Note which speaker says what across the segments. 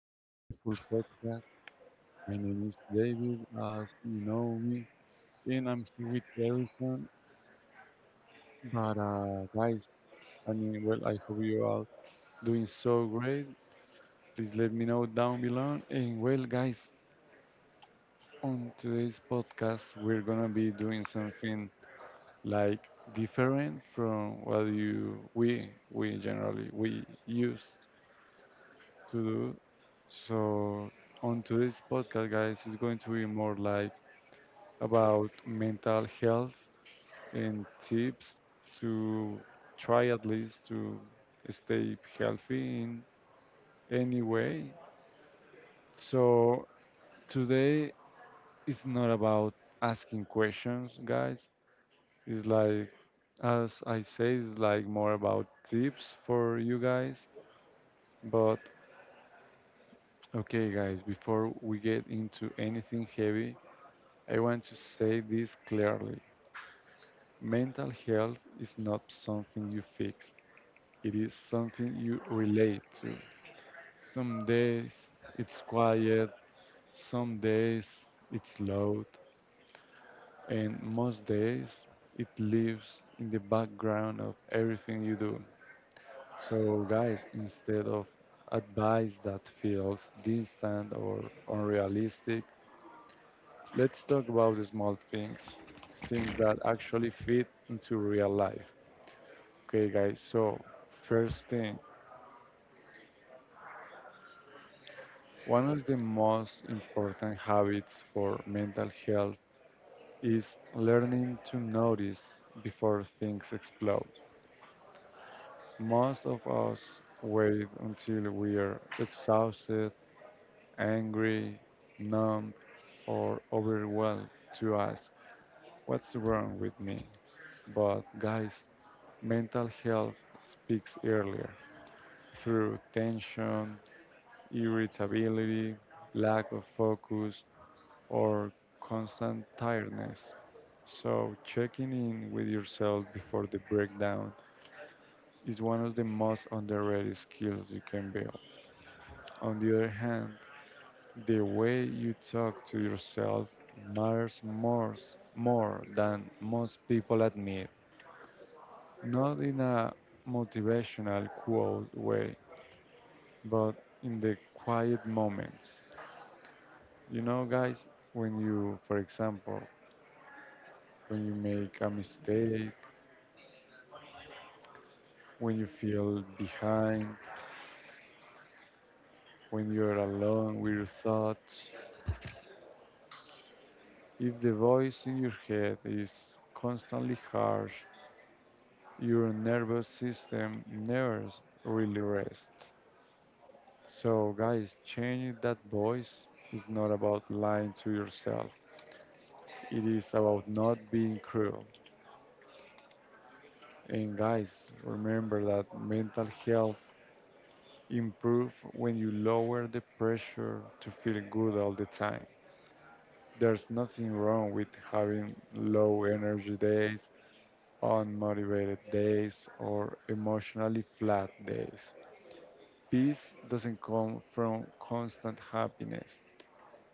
Speaker 1: our beautiful podcast. My name is David, as you know me, and I'm here with Harrison. But guys, I mean, well, I hope you are doing so great. Please let me know down below. And well, guys, on today's podcast, we're gonna be doing something like different from what you we generally we use. To do. So, on today's podcast, guys, is going to be more like about mental health and tips to try at least to stay healthy in any way. So, today is not about asking questions, guys. It's like, as I say, it's like more about tips for you guys. But, okay, guys, before we get into anything heavy, I want to say this clearly. Mental health is not something you fix, it is something you relate to. Some days it's quiet, some days it's loud, and most days it lives in the background of everything you do. So, guys, instead of advice that feels distant or unrealistic, let's talk about the small things, things that actually fit into real life. Okay, guys, so first thing, one of the most important habits for mental health is learning to notice before things explode. Most of us wait until we are exhausted, angry, numb, or overwhelmed to ask, what's wrong with me? But, guys, mental health speaks earlier through tension, irritability, lack of focus, or constant tiredness. So, checking in with yourself before the breakdown is one of the most underrated skills you can build. On the other hand, the way you talk to yourself matters more, more than most people admit. Not in a motivational quote way, but in the quiet moments. You know, guys, when you, for example, when you make a mistake, when you feel behind, when you're alone with your thoughts, if the voice in your head is constantly harsh, your nervous system never s- really rests. So, guys, changing that voice is not about lying to yourself, it is about not being cruel. And, guys, remember that mental health improve when you lower the pressure to feel good all the time. There's nothing wrong with having low energy days, unmotivated days, or emotionally flat days. Peace doesn't come from constant happiness.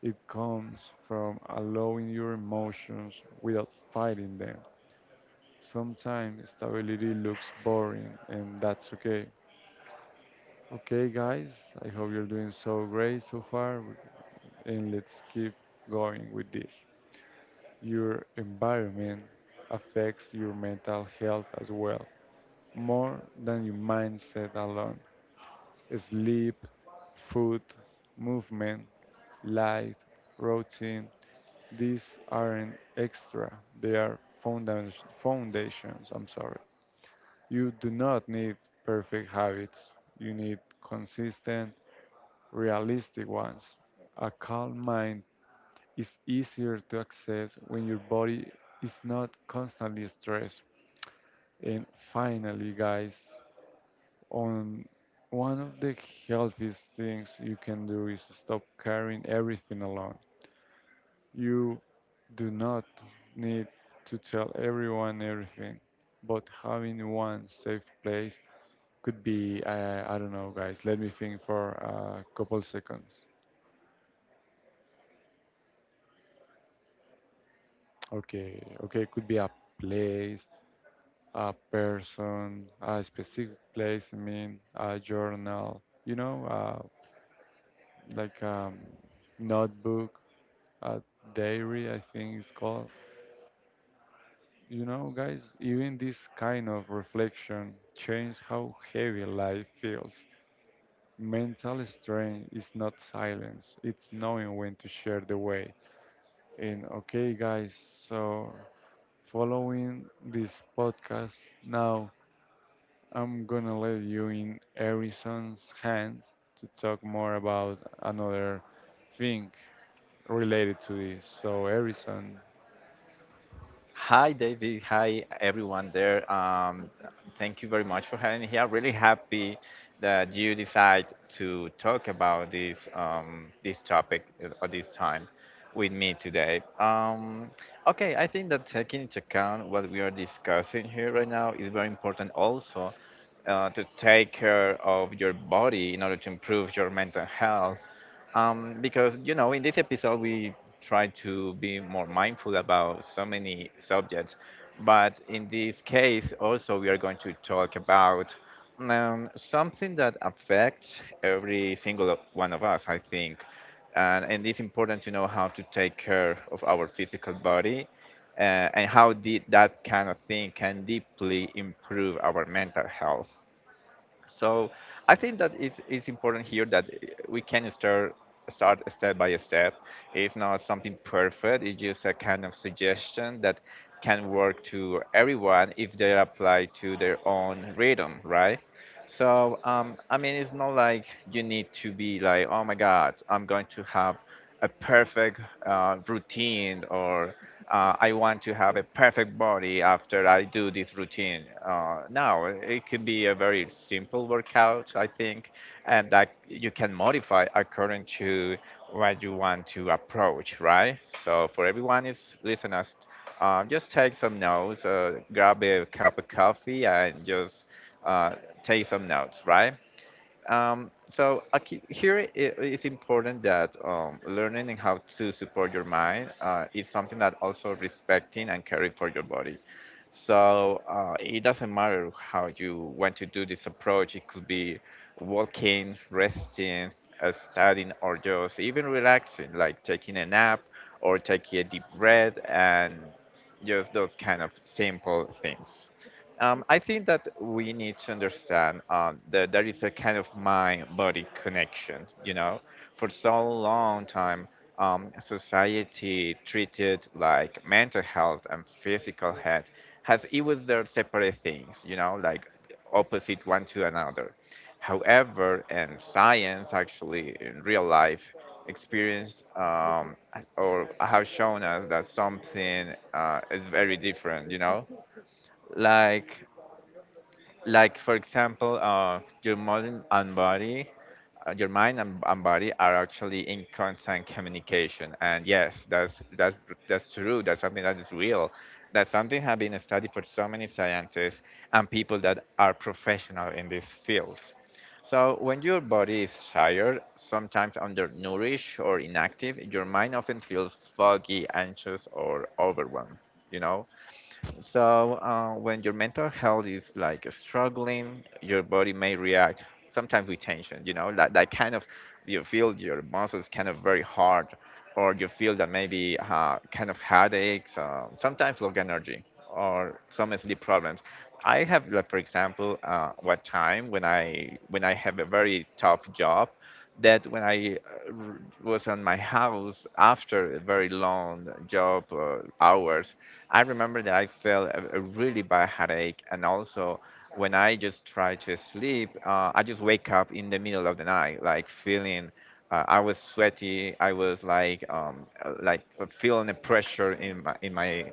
Speaker 1: It comes from allowing your emotions without fighting them. Sometimes stability looks boring, and that's okay. Okay, guys, I hope you're doing so great so far. And let's keep going with this. Your environment affects your mental health as well, more than your mindset alone. Sleep, food, movement, light, routine, these aren't extra. They are founda- foundations, I'm sorry. You do not need perfect habits. You need consistent, realistic ones. A calm mind is easier to access when your body is not constantly stressed. And finally, guys, on one of the healthiest things you can do is stop carrying everything alone. You do not need to tell everyone everything, but having one safe place could be, I don't know, guys, let me think for a couple seconds. Okay, okay, could be a place, a person, a specific place, I mean, a journal, you know, like a notebook, a diary, I think it's called. You know, guys, even this kind of reflection changes how heavy life feels. Mental strain is not silence, it's knowing when to share the way. And okay, guys, so following this podcast now I'm gonna let you in Harrison's hands to talk more about another thing related to this. So, Harrison,
Speaker 2: Hi, David. Hi, everyone there. Thank you very much for having me here. Really happy that you decide to talk about this this topic at this time with me today. Okay, I think that taking into account what we are discussing here right now is very important also, to take care of your body in order to improve your mental health, because in this episode we try to be more mindful about so many subjects, but in this case also we are going to talk about something that affects every single one of us, I think. And it's important to know how to take care of our physical body, uh, and how that kind of thing can deeply improve our mental health. So I think that it's important here that, we can start step by step. It's not something perfect. It's just a kind of suggestion that can work to everyone if they apply to their own rhythm, right? So I mean, it's not like you need to be like, oh my God, I'm going to have a perfect routine, or I want to have a perfect body after I do this routine. No, it could be a very simple workout, I think, and that you can modify according to what you want to approach, right? So for everyone is listeners, just take some notes, grab a cup of coffee, and just uh, take some notes, right? So a key, here it is important that, learning and how to support your mind, is something that also respecting and caring for your body. So, it doesn't matter how you want to do this approach. It could be walking, resting, studying, or just even relaxing, like taking a nap or taking a deep breath, and just those kind of simple things. I think that we need to understand, that there is a kind of mind-body connection. You know, for so long time, society treated like mental health and physical health as it was their separate things. You know, like opposite one to another. However, and science actually in real life experienced, or have shown us that something, is very different. You know, like like for example, your mind and body, your mind and body are actually in constant communication, and yes, that's that's true. That's something that is real. That's something have been studied for so many scientists and people that are professional in these fields. So when your body is tired, sometimes undernourished or inactive, your mind often feels foggy, anxious, or overwhelmed, you know. So, when your mental health is like struggling, your body may react sometimes with tension, you know, that kind of, you feel your muscles kind of very hard, or you feel that maybe, kind of headaches, sometimes low energy, or some sleep problems. I have, like, for example, one time when I have a very tough job, that when I, was on my house after a very long job, hours, I remember that I felt, a really bad headache. And also, when I just try to sleep, I just wake up in the middle of the night, like feeling. I was sweaty. I was like, feeling the pressure in my in my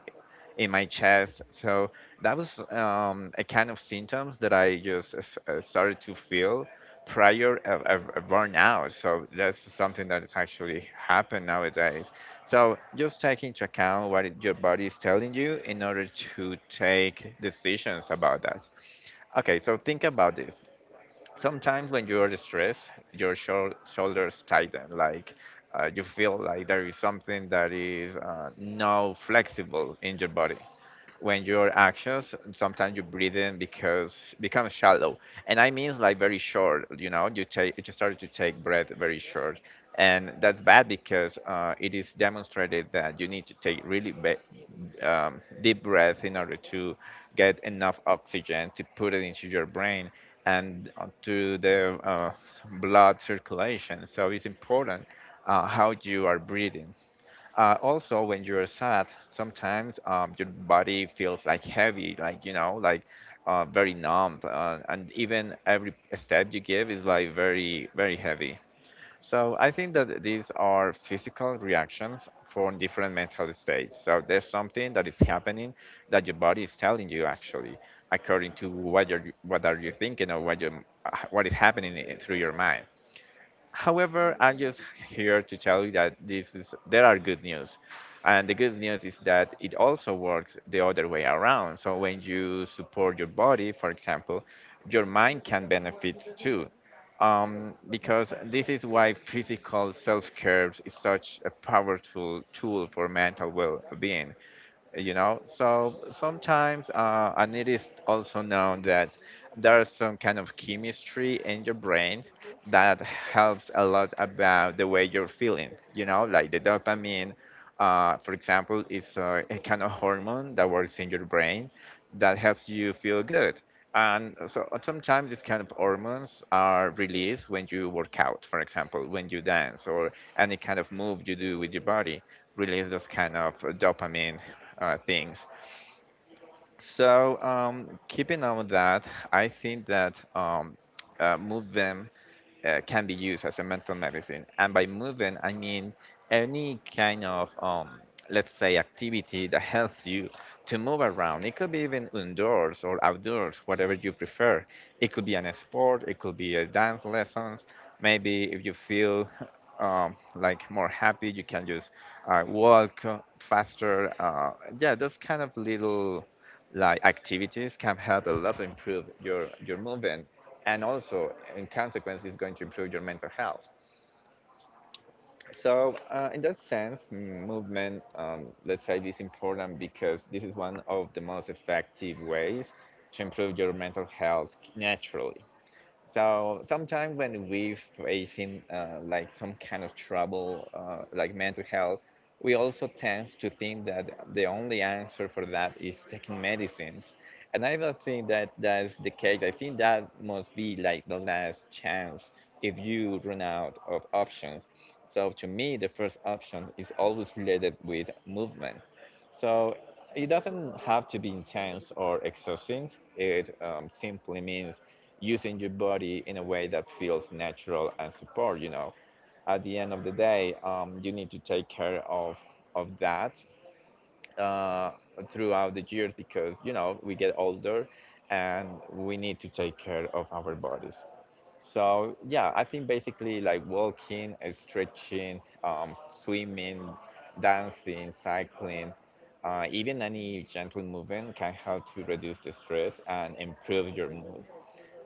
Speaker 2: in my chest. So that was, a kind of symptoms that I just, started to feel prior of burnout. So that's something that is actually happened nowadays. So just take into account what, your body is telling you in order to take decisions about that. Okay, so think about this. Sometimes when you are stressed, your shoulders tighten, like, you feel like there is something that is, not flexible in your body, when your actions sometimes you breathe in because becomes shallow, and I mean like very short, you know, you just started to take breath very short. And that's bad because, it is demonstrated that you need to take really, deep breath in order to get enough oxygen to put it into your brain, and, to the, blood circulation. So it's important, how you are breathing. Also, when you're sad, sometimes, your body feels like heavy, like you know, like, very numb, and even every step you give is like very, very heavy. So I think that these are physical reactions for different mental states. So there's something that is happening, that your body is telling you actually, according to what you're, what are you thinking, or what you, what is happening through your mind. However, I'm just here to tell you that this is there are good news. And the good news is that it also works the other way around. So when you support your body, for example, your mind can benefit too. Because this is why physical self-care is such a powerful tool for mental well-being, you know. So sometimes, and it is also known that there's some kind of chemistry in your brain that helps a lot about the way you're feeling, you know, like the dopamine, for example is, a kind of hormone that works in your brain that helps you feel good. And so, sometimes these kind of hormones are released when you work out, for example, when you dance, or any kind of move you do with your body, release those kind of, dopamine, things. So, keeping on that, I think that, movement, can be used as a mental medicine. And by movement, I mean any kind of, let's say, activity that helps you to move around. It could be even indoors or outdoors, whatever you prefer. It could be an sport, it could be a dance lessons. Maybe if you feel like more happy, you can just, walk, faster. Yeah, those kind of little like activities can help a lot to improve your movement, and also in consequence is going to improve your mental health. So, in that sense, movement, let's say is important because this is one of the most effective ways to improve your mental health naturally. So sometimes when we facing, like some kind of trouble, like mental health, we also tend to think that the only answer for that is taking medicines, and I don't think that that's the case. I think that must be like the last chance if you run out of options. So to me, the first option is always related with movement. So it doesn't have to be intense or exhausting. It, simply means using your body in a way that feels natural and support. You know, at the end of the day, you need to take care of that, uh, throughout the years, because we get older, and we need to take care of our bodies. So yeah, I think basically like walking, stretching, swimming, dancing, cycling, even any gentle movement can help to reduce the stress and improve your mood.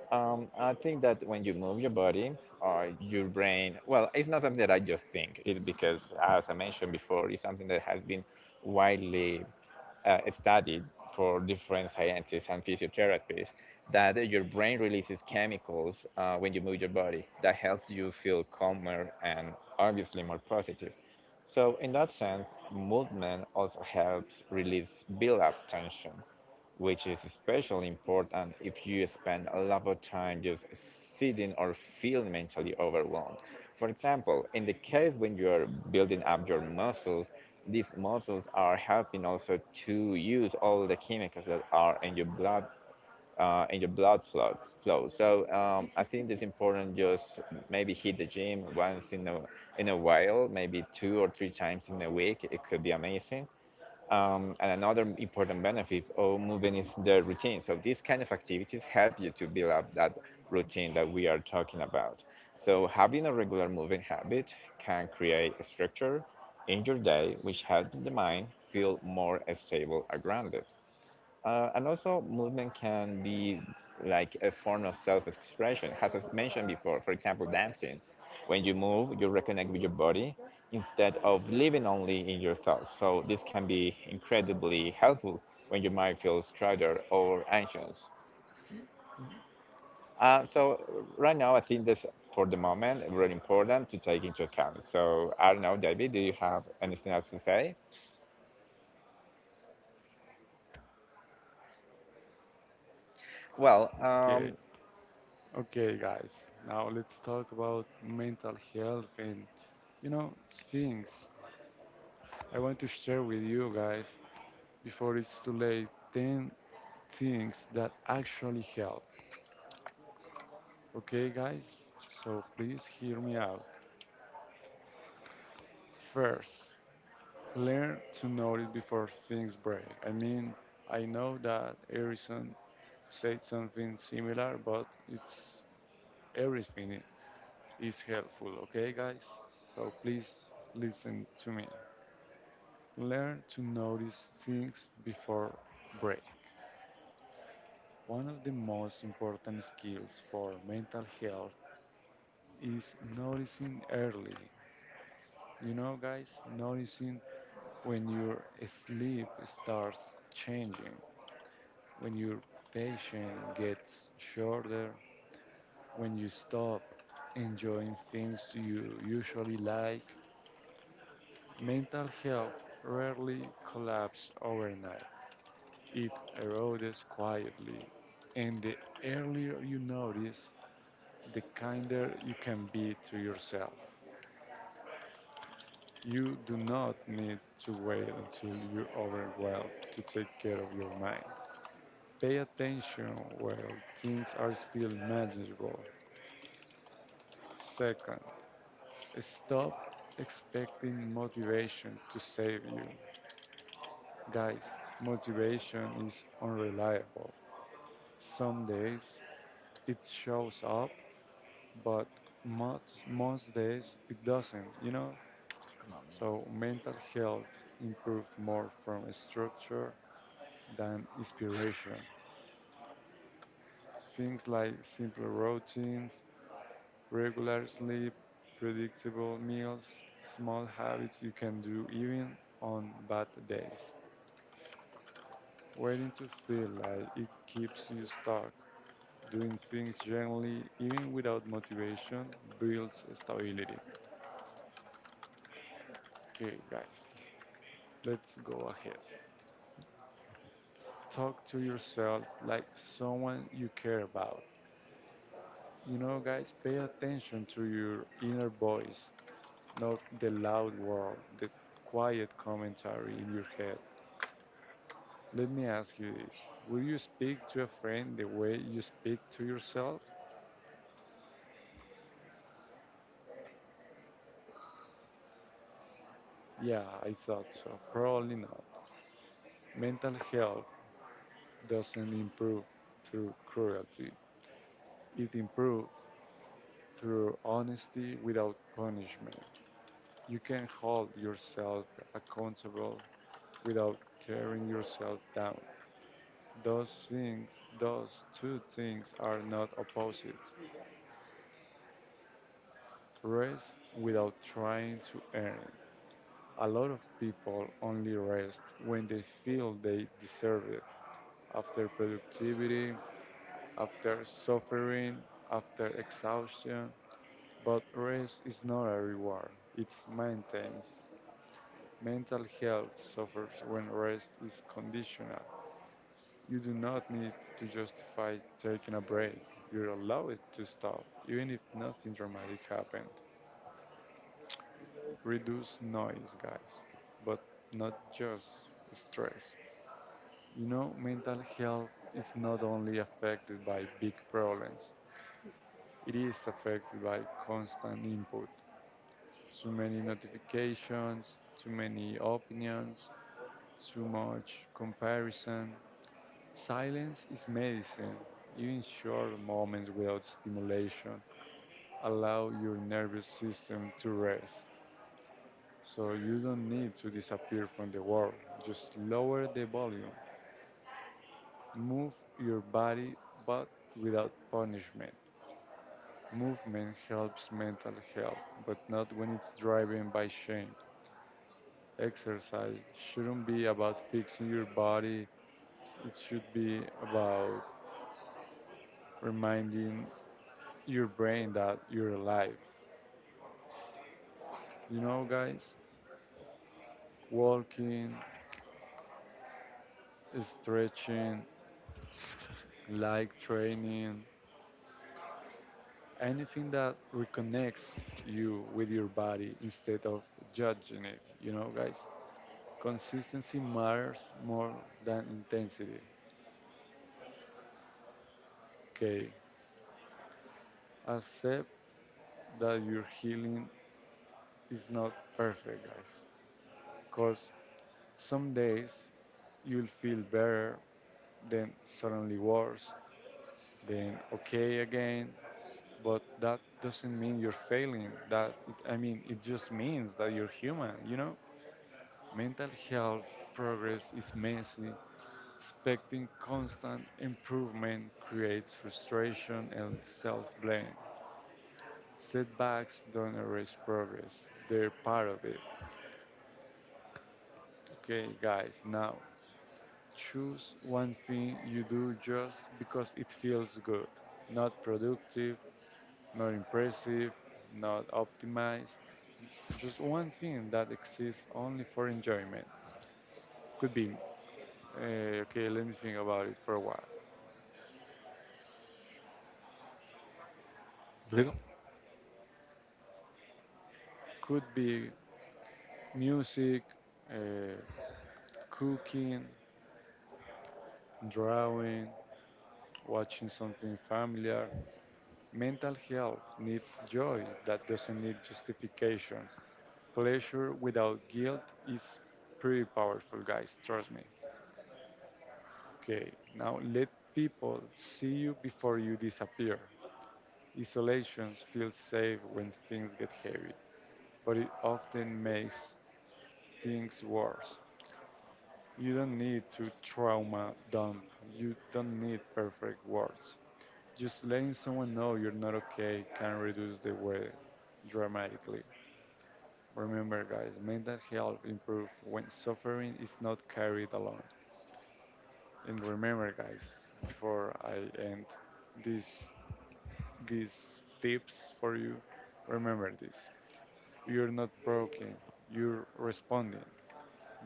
Speaker 2: I think that when you move your body, your brain, well, it's not something that I just think. It's because, as I mentioned before, it's something that has been widely, studied for different scientists and physiotherapists, that your brain releases chemicals, when you move your body that helps you feel calmer and obviously more positive. So, in that sense, movement also helps release build up tension, which is especially important if you spend a lot of time just sitting or feel mentally overwhelmed. For example, in the case when you're building up your muscles, these muscles are helping also to use all the chemicals that are in your blood, and your blood flow. So, I think it's important just maybe hit the gym once in a while, maybe two or three times in a week. It could be amazing. And another important benefit of moving is the routine. So these kind of activities help you to build up that routine that we are talking about. So having a regular moving habit can create structure in your day, which helps the mind feel more stable and grounded. And also, movement can be like a form of self expression, as I mentioned before. For example, dancing. When you move, you reconnect with your body instead of living only in your thoughts. So, this can be incredibly helpful when your mind feels cluttered or anxious. So, right now, I think that's for the moment really important to take into account. So, I don't know, David, do you have anything else to say? Well,
Speaker 1: okay, okay, guys, now let's talk about mental health and you know, things I want to share with you guys before it's too late 10 things that actually help. Okay, guys, so please hear me out. First, learn to notice before things break. I mean, I know that Harrison said something similar, but it's everything is helpful, okay, guys? So please listen to me. Learn to notice things before break. One of the most important skills for mental health is noticing early. You know, guys, noticing when your sleep starts changing, when your patience gets shorter, when you stop enjoying things you usually like, mental health rarely collapses overnight. It erodes quietly, and the earlier you notice, the kinder you can be to yourself. You do not need to wait until you're overwhelmed to take care of your mind. Pay attention while things are still manageable. Second, stop expecting motivation to save you. Guys, motivation is unreliable. Some days it shows up, but most, most days it doesn't, you know? So mental health improves more from structure than inspiration. Things like simple routines, regular sleep, predictable meals, small habits you can do even on bad days. Waiting to feel like it keeps you stuck. Doing things gently, even without motivation, builds stability. Okay, guys, let's go ahead. Talk to yourself like someone you care about. You know, guys, pay attention to your inner voice, not the loud world, the quiet commentary in your head. Let me ask you this: will you speak to a friend the way you speak to yourself? Yeah, I thought so. Probably not. Mental health doesn't improve through cruelty. It improves through honesty without punishment. You can hold yourself accountable without tearing yourself down. Those things, those two things are not opposites. Rest without trying to earn it. A lot of people only rest when they feel they deserve it after productivity, after suffering, after exhaustion. But rest is not a reward, it maintains. Mental health suffers when rest is conditional. You do not need to justify taking a break. You're allowed to stop, even if nothing dramatic happened. Reduce noise, guys, but not just stress. You know, mental health is not only affected by big problems, it is affected by constant input. Too many notifications, too many opinions, too much comparison. Silence is medicine. Even short moments without stimulation allow your nervous system to rest. So you don't need to disappear from the world. Just lower the volume. Move your body, but without punishment. Movement helps mental health, but not when it's driven by shame. Exercise shouldn't be about fixing your body. It should be about reminding your brain that you're alive. You know, guys, walking, stretching, light training, anything that reconnects you with your body instead of judging it. You know, guys, consistency matters more than intensity. Okay, accept that your healing is not perfect, guys because some days you'll feel better, then suddenly worse, then okay again. But that doesn't mean you're failing. I mean, it just means that you're human. You know, mental health progress is messy. Expecting constant improvement creates frustration and self-blame. Setbacks don't erase progress. They're part of it. Okay, guys, now choose one thing you do just because it feels good. Not productive, not impressive, not optimized. Just one thing that exists only for enjoyment. Could be, okay, let me think about it for a while.
Speaker 2: Rodrigo?
Speaker 1: Could be music, uh, cooking, drawing, watching something familiar. Mental health needs joy that doesn't need justification. Pleasure without guilt is pretty powerful, guys. Trust me. Okay, now let people see you before you disappear. Isolation feels safe when things get heavy, but it often makes things worse. You don't need to trauma dump. You don't need perfect words. Just letting someone know you're not okay can reduce the weight dramatically. Remember, guys, mental health improves when suffering is not carried alone. And remember, guys, before I end these these tips for you, remember this: you're not broken. You're responding.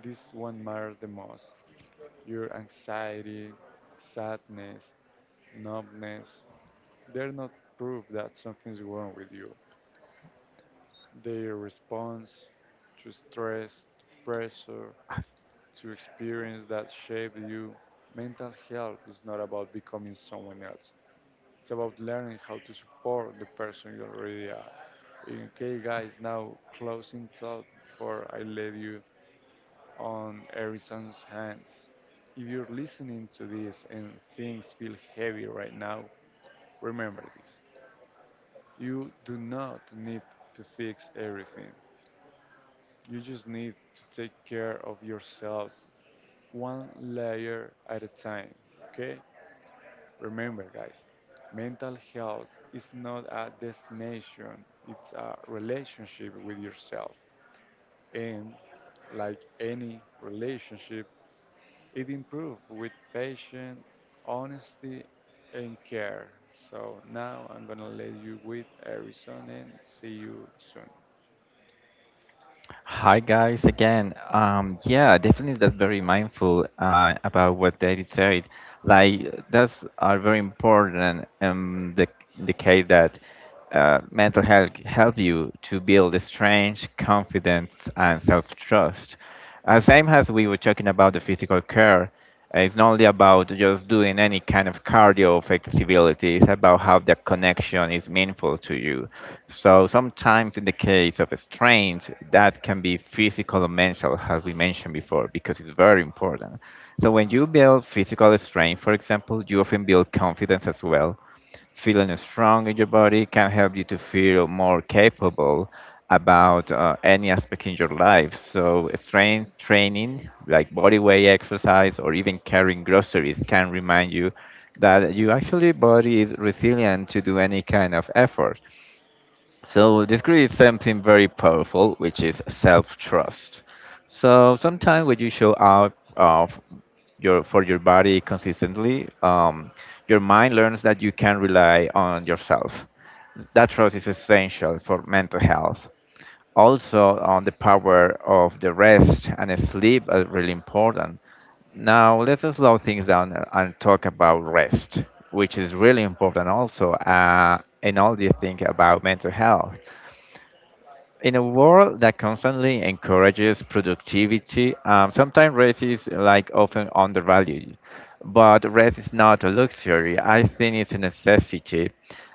Speaker 1: This one matters the most. Your anxiety, sadness, numbness, they're not proof that something's wrong with you. Their response to stress, to pressure, to experience that shape you. Mental health is not about becoming someone else. It's about learning how to support the person you already are. Okay, guys, now closing thought before I let you on Harrison's hands. If you're listening to this and things feel heavy right now, remember this. You do not need to fix everything. You just need to take care of yourself one layer at a time, okay? Remember, guys, mental health is not a destination, it's a relationship with yourself. And like any relationship, it improves with patience, honesty, and care. So now I'm gonna let you with Arizona and see you soon.
Speaker 2: Hi guys again. Yeah, definitely that's very mindful about what David said. Like that's are very important the case that mental health help you to build strength, confidence, and self-trust. Same as we were talking about the physical care, it's not only about just doing any kind of cardio or flexibility. It's about how the connection is meaningful to you. So sometimes in the case of strains, that can be physical or mental, as we mentioned before, because it's very important. So when you build physical strength, for example, you often build confidence as well. Feeling strong in your body can help you to feel more capable about any aspect in your life. So strength training, like body weight exercise or even carrying groceries, can remind you that you actually body is resilient to do any kind of effort. So this creates something very powerful, which is self-trust. So sometimes when you show up of your for your body consistently, your mind learns that you can rely on yourself. That trust is essential for mental health. Also, on the power of the rest and sleep are really important. Now, let's slow things down and talk about rest, which is really important also in all the think about mental health. In a world that constantly encourages productivity, sometimes rest is like often undervalued. But rest is not a luxury. I think it's a necessity.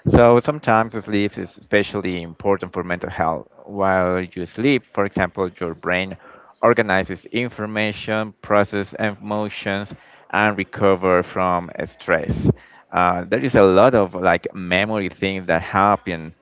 Speaker 2: So sometimes sleep is especially important for mental health. While you sleep, for example, your brain organizes information, process emotions, and recover from stress. There is a lot of like memory things that happen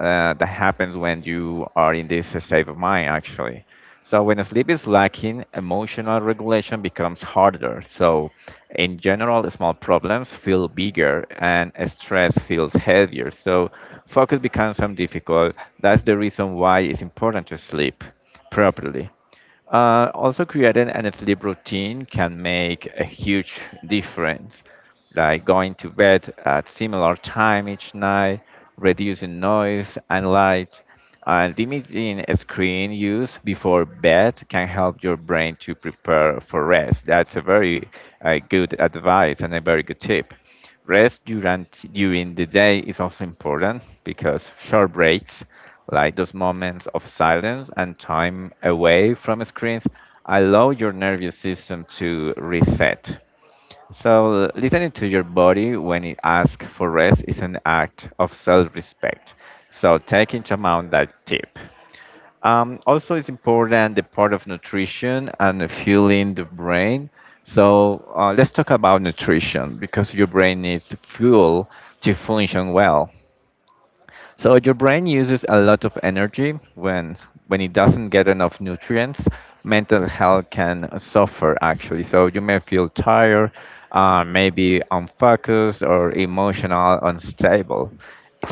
Speaker 2: that happens when you are in this state of mind, actually. So when sleep is lacking, emotional regulation becomes harder. So in general, small problems feel bigger and stress feels heavier. So focus becomes some difficult. That's the reason why it's important to sleep properly. Also, creating an sleep routine can make a huge difference, like going to bed at similar time each night, reducing noise and light, and limiting screen use before bed can help your brain to prepare for rest. That's a very good advice and a very good tip. Rest during the day is also important because short breaks, like those moments of silence and time away from screens, allow your nervous system to reset. So, listening to your body when it asks for rest is an act of self respect. So, take into account that tip. Also, it's important the part of nutrition and the fueling the brain. So let's talk about nutrition because your brain needs fuel to function well. So your brain uses a lot of energy when it doesn't get enough nutrients. Mental health can suffer actually. So you may feel tired, maybe unfocused or emotional unstable.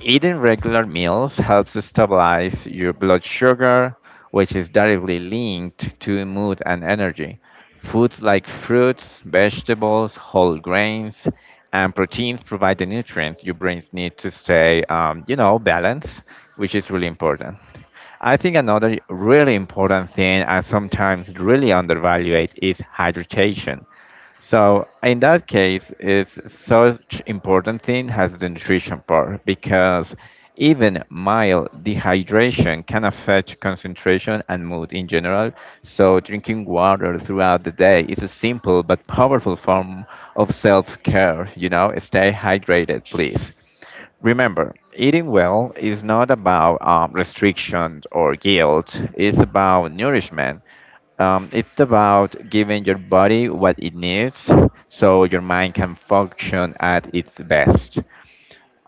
Speaker 2: Eating regular meals helps stabilize your blood sugar, which is directly linked to mood and energy. Foods like fruits, vegetables, whole grains, and proteins provide the nutrients your brains need to stay, balanced, which is really important. I think another really important thing and sometimes really undervalued is hydration. So in that case, it's such important thing has the nutrition part because even mild dehydration can affect concentration and mood in general. So drinking water throughout the day is a simple but powerful form of self-care. You know, stay hydrated, please. Remember, eating well is not about restrictions or guilt. It's about nourishment. It's about giving your body what it needs so your mind can function at its best.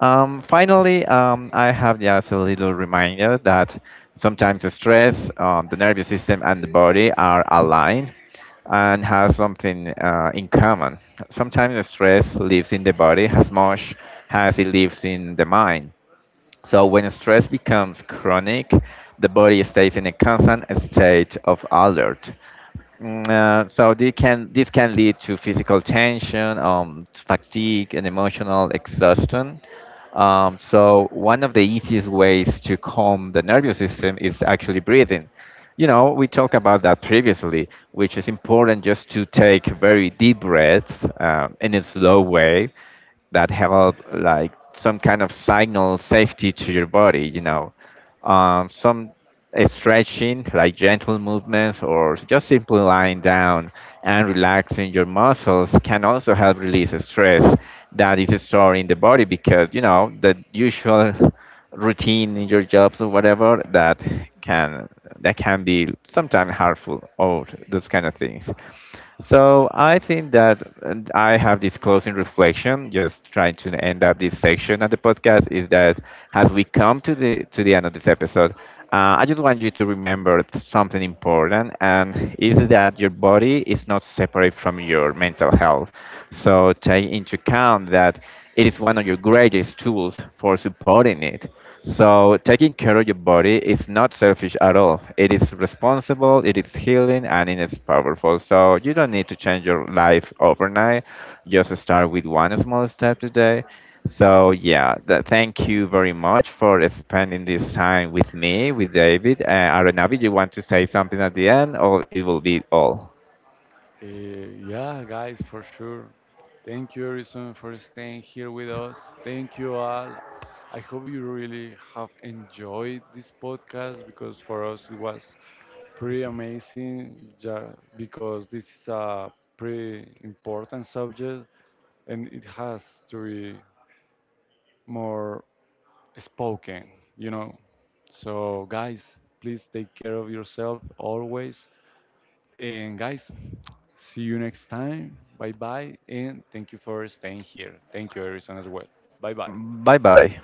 Speaker 2: Finally, I have just a little reminder that sometimes the stress, the nervous system, and the body are aligned and have something in common. Sometimes the stress lives in the body as much as it lives in the mind. So when stress becomes chronic, the body stays in a constant state of alert. So this can lead to physical tension, fatigue, and emotional exhaustion. So one of the easiest ways to calm the nervous system is actually breathing. You know, we talked about that previously, which is important just to take very deep breaths in a slow way that help like some kind of signal safety to your body, you know. Some stretching, like gentle movements, or just simply lying down and relaxing your muscles can also help release stress that is stored in the body because, you know, the usual routine in your jobs or whatever that can be sometimes harmful or those kind of things. So I think that I have this closing reflection, just trying to end up this section of the podcast, is that as we come to the end of this episode, I just want you to remember something important, and is that your body is not separate from your mental health. So take into account that it is one of your greatest tools for supporting it. So taking care of your body is not selfish at all. It is responsible, it is healing, and it is powerful. So you don't need to change your life overnight. Just start with one small step today. So yeah, thank you very much for spending this time with me, with David. Aronavi, you want to say something at the end, or it will be all?
Speaker 1: Uh, yeah, guys, for sure. Thank you, Harrison, for staying here with us. Thank you all. I hope you really have enjoyed this podcast because for us it was pretty amazing. Yeah, because this is a pretty important subject and it has to be more spoken, you know. So, guys, please take care of yourself always and guys, see you next time. Bye bye. And thank you for staying here. Thank you, Harrison, as well. Bye bye.
Speaker 2: Bye bye.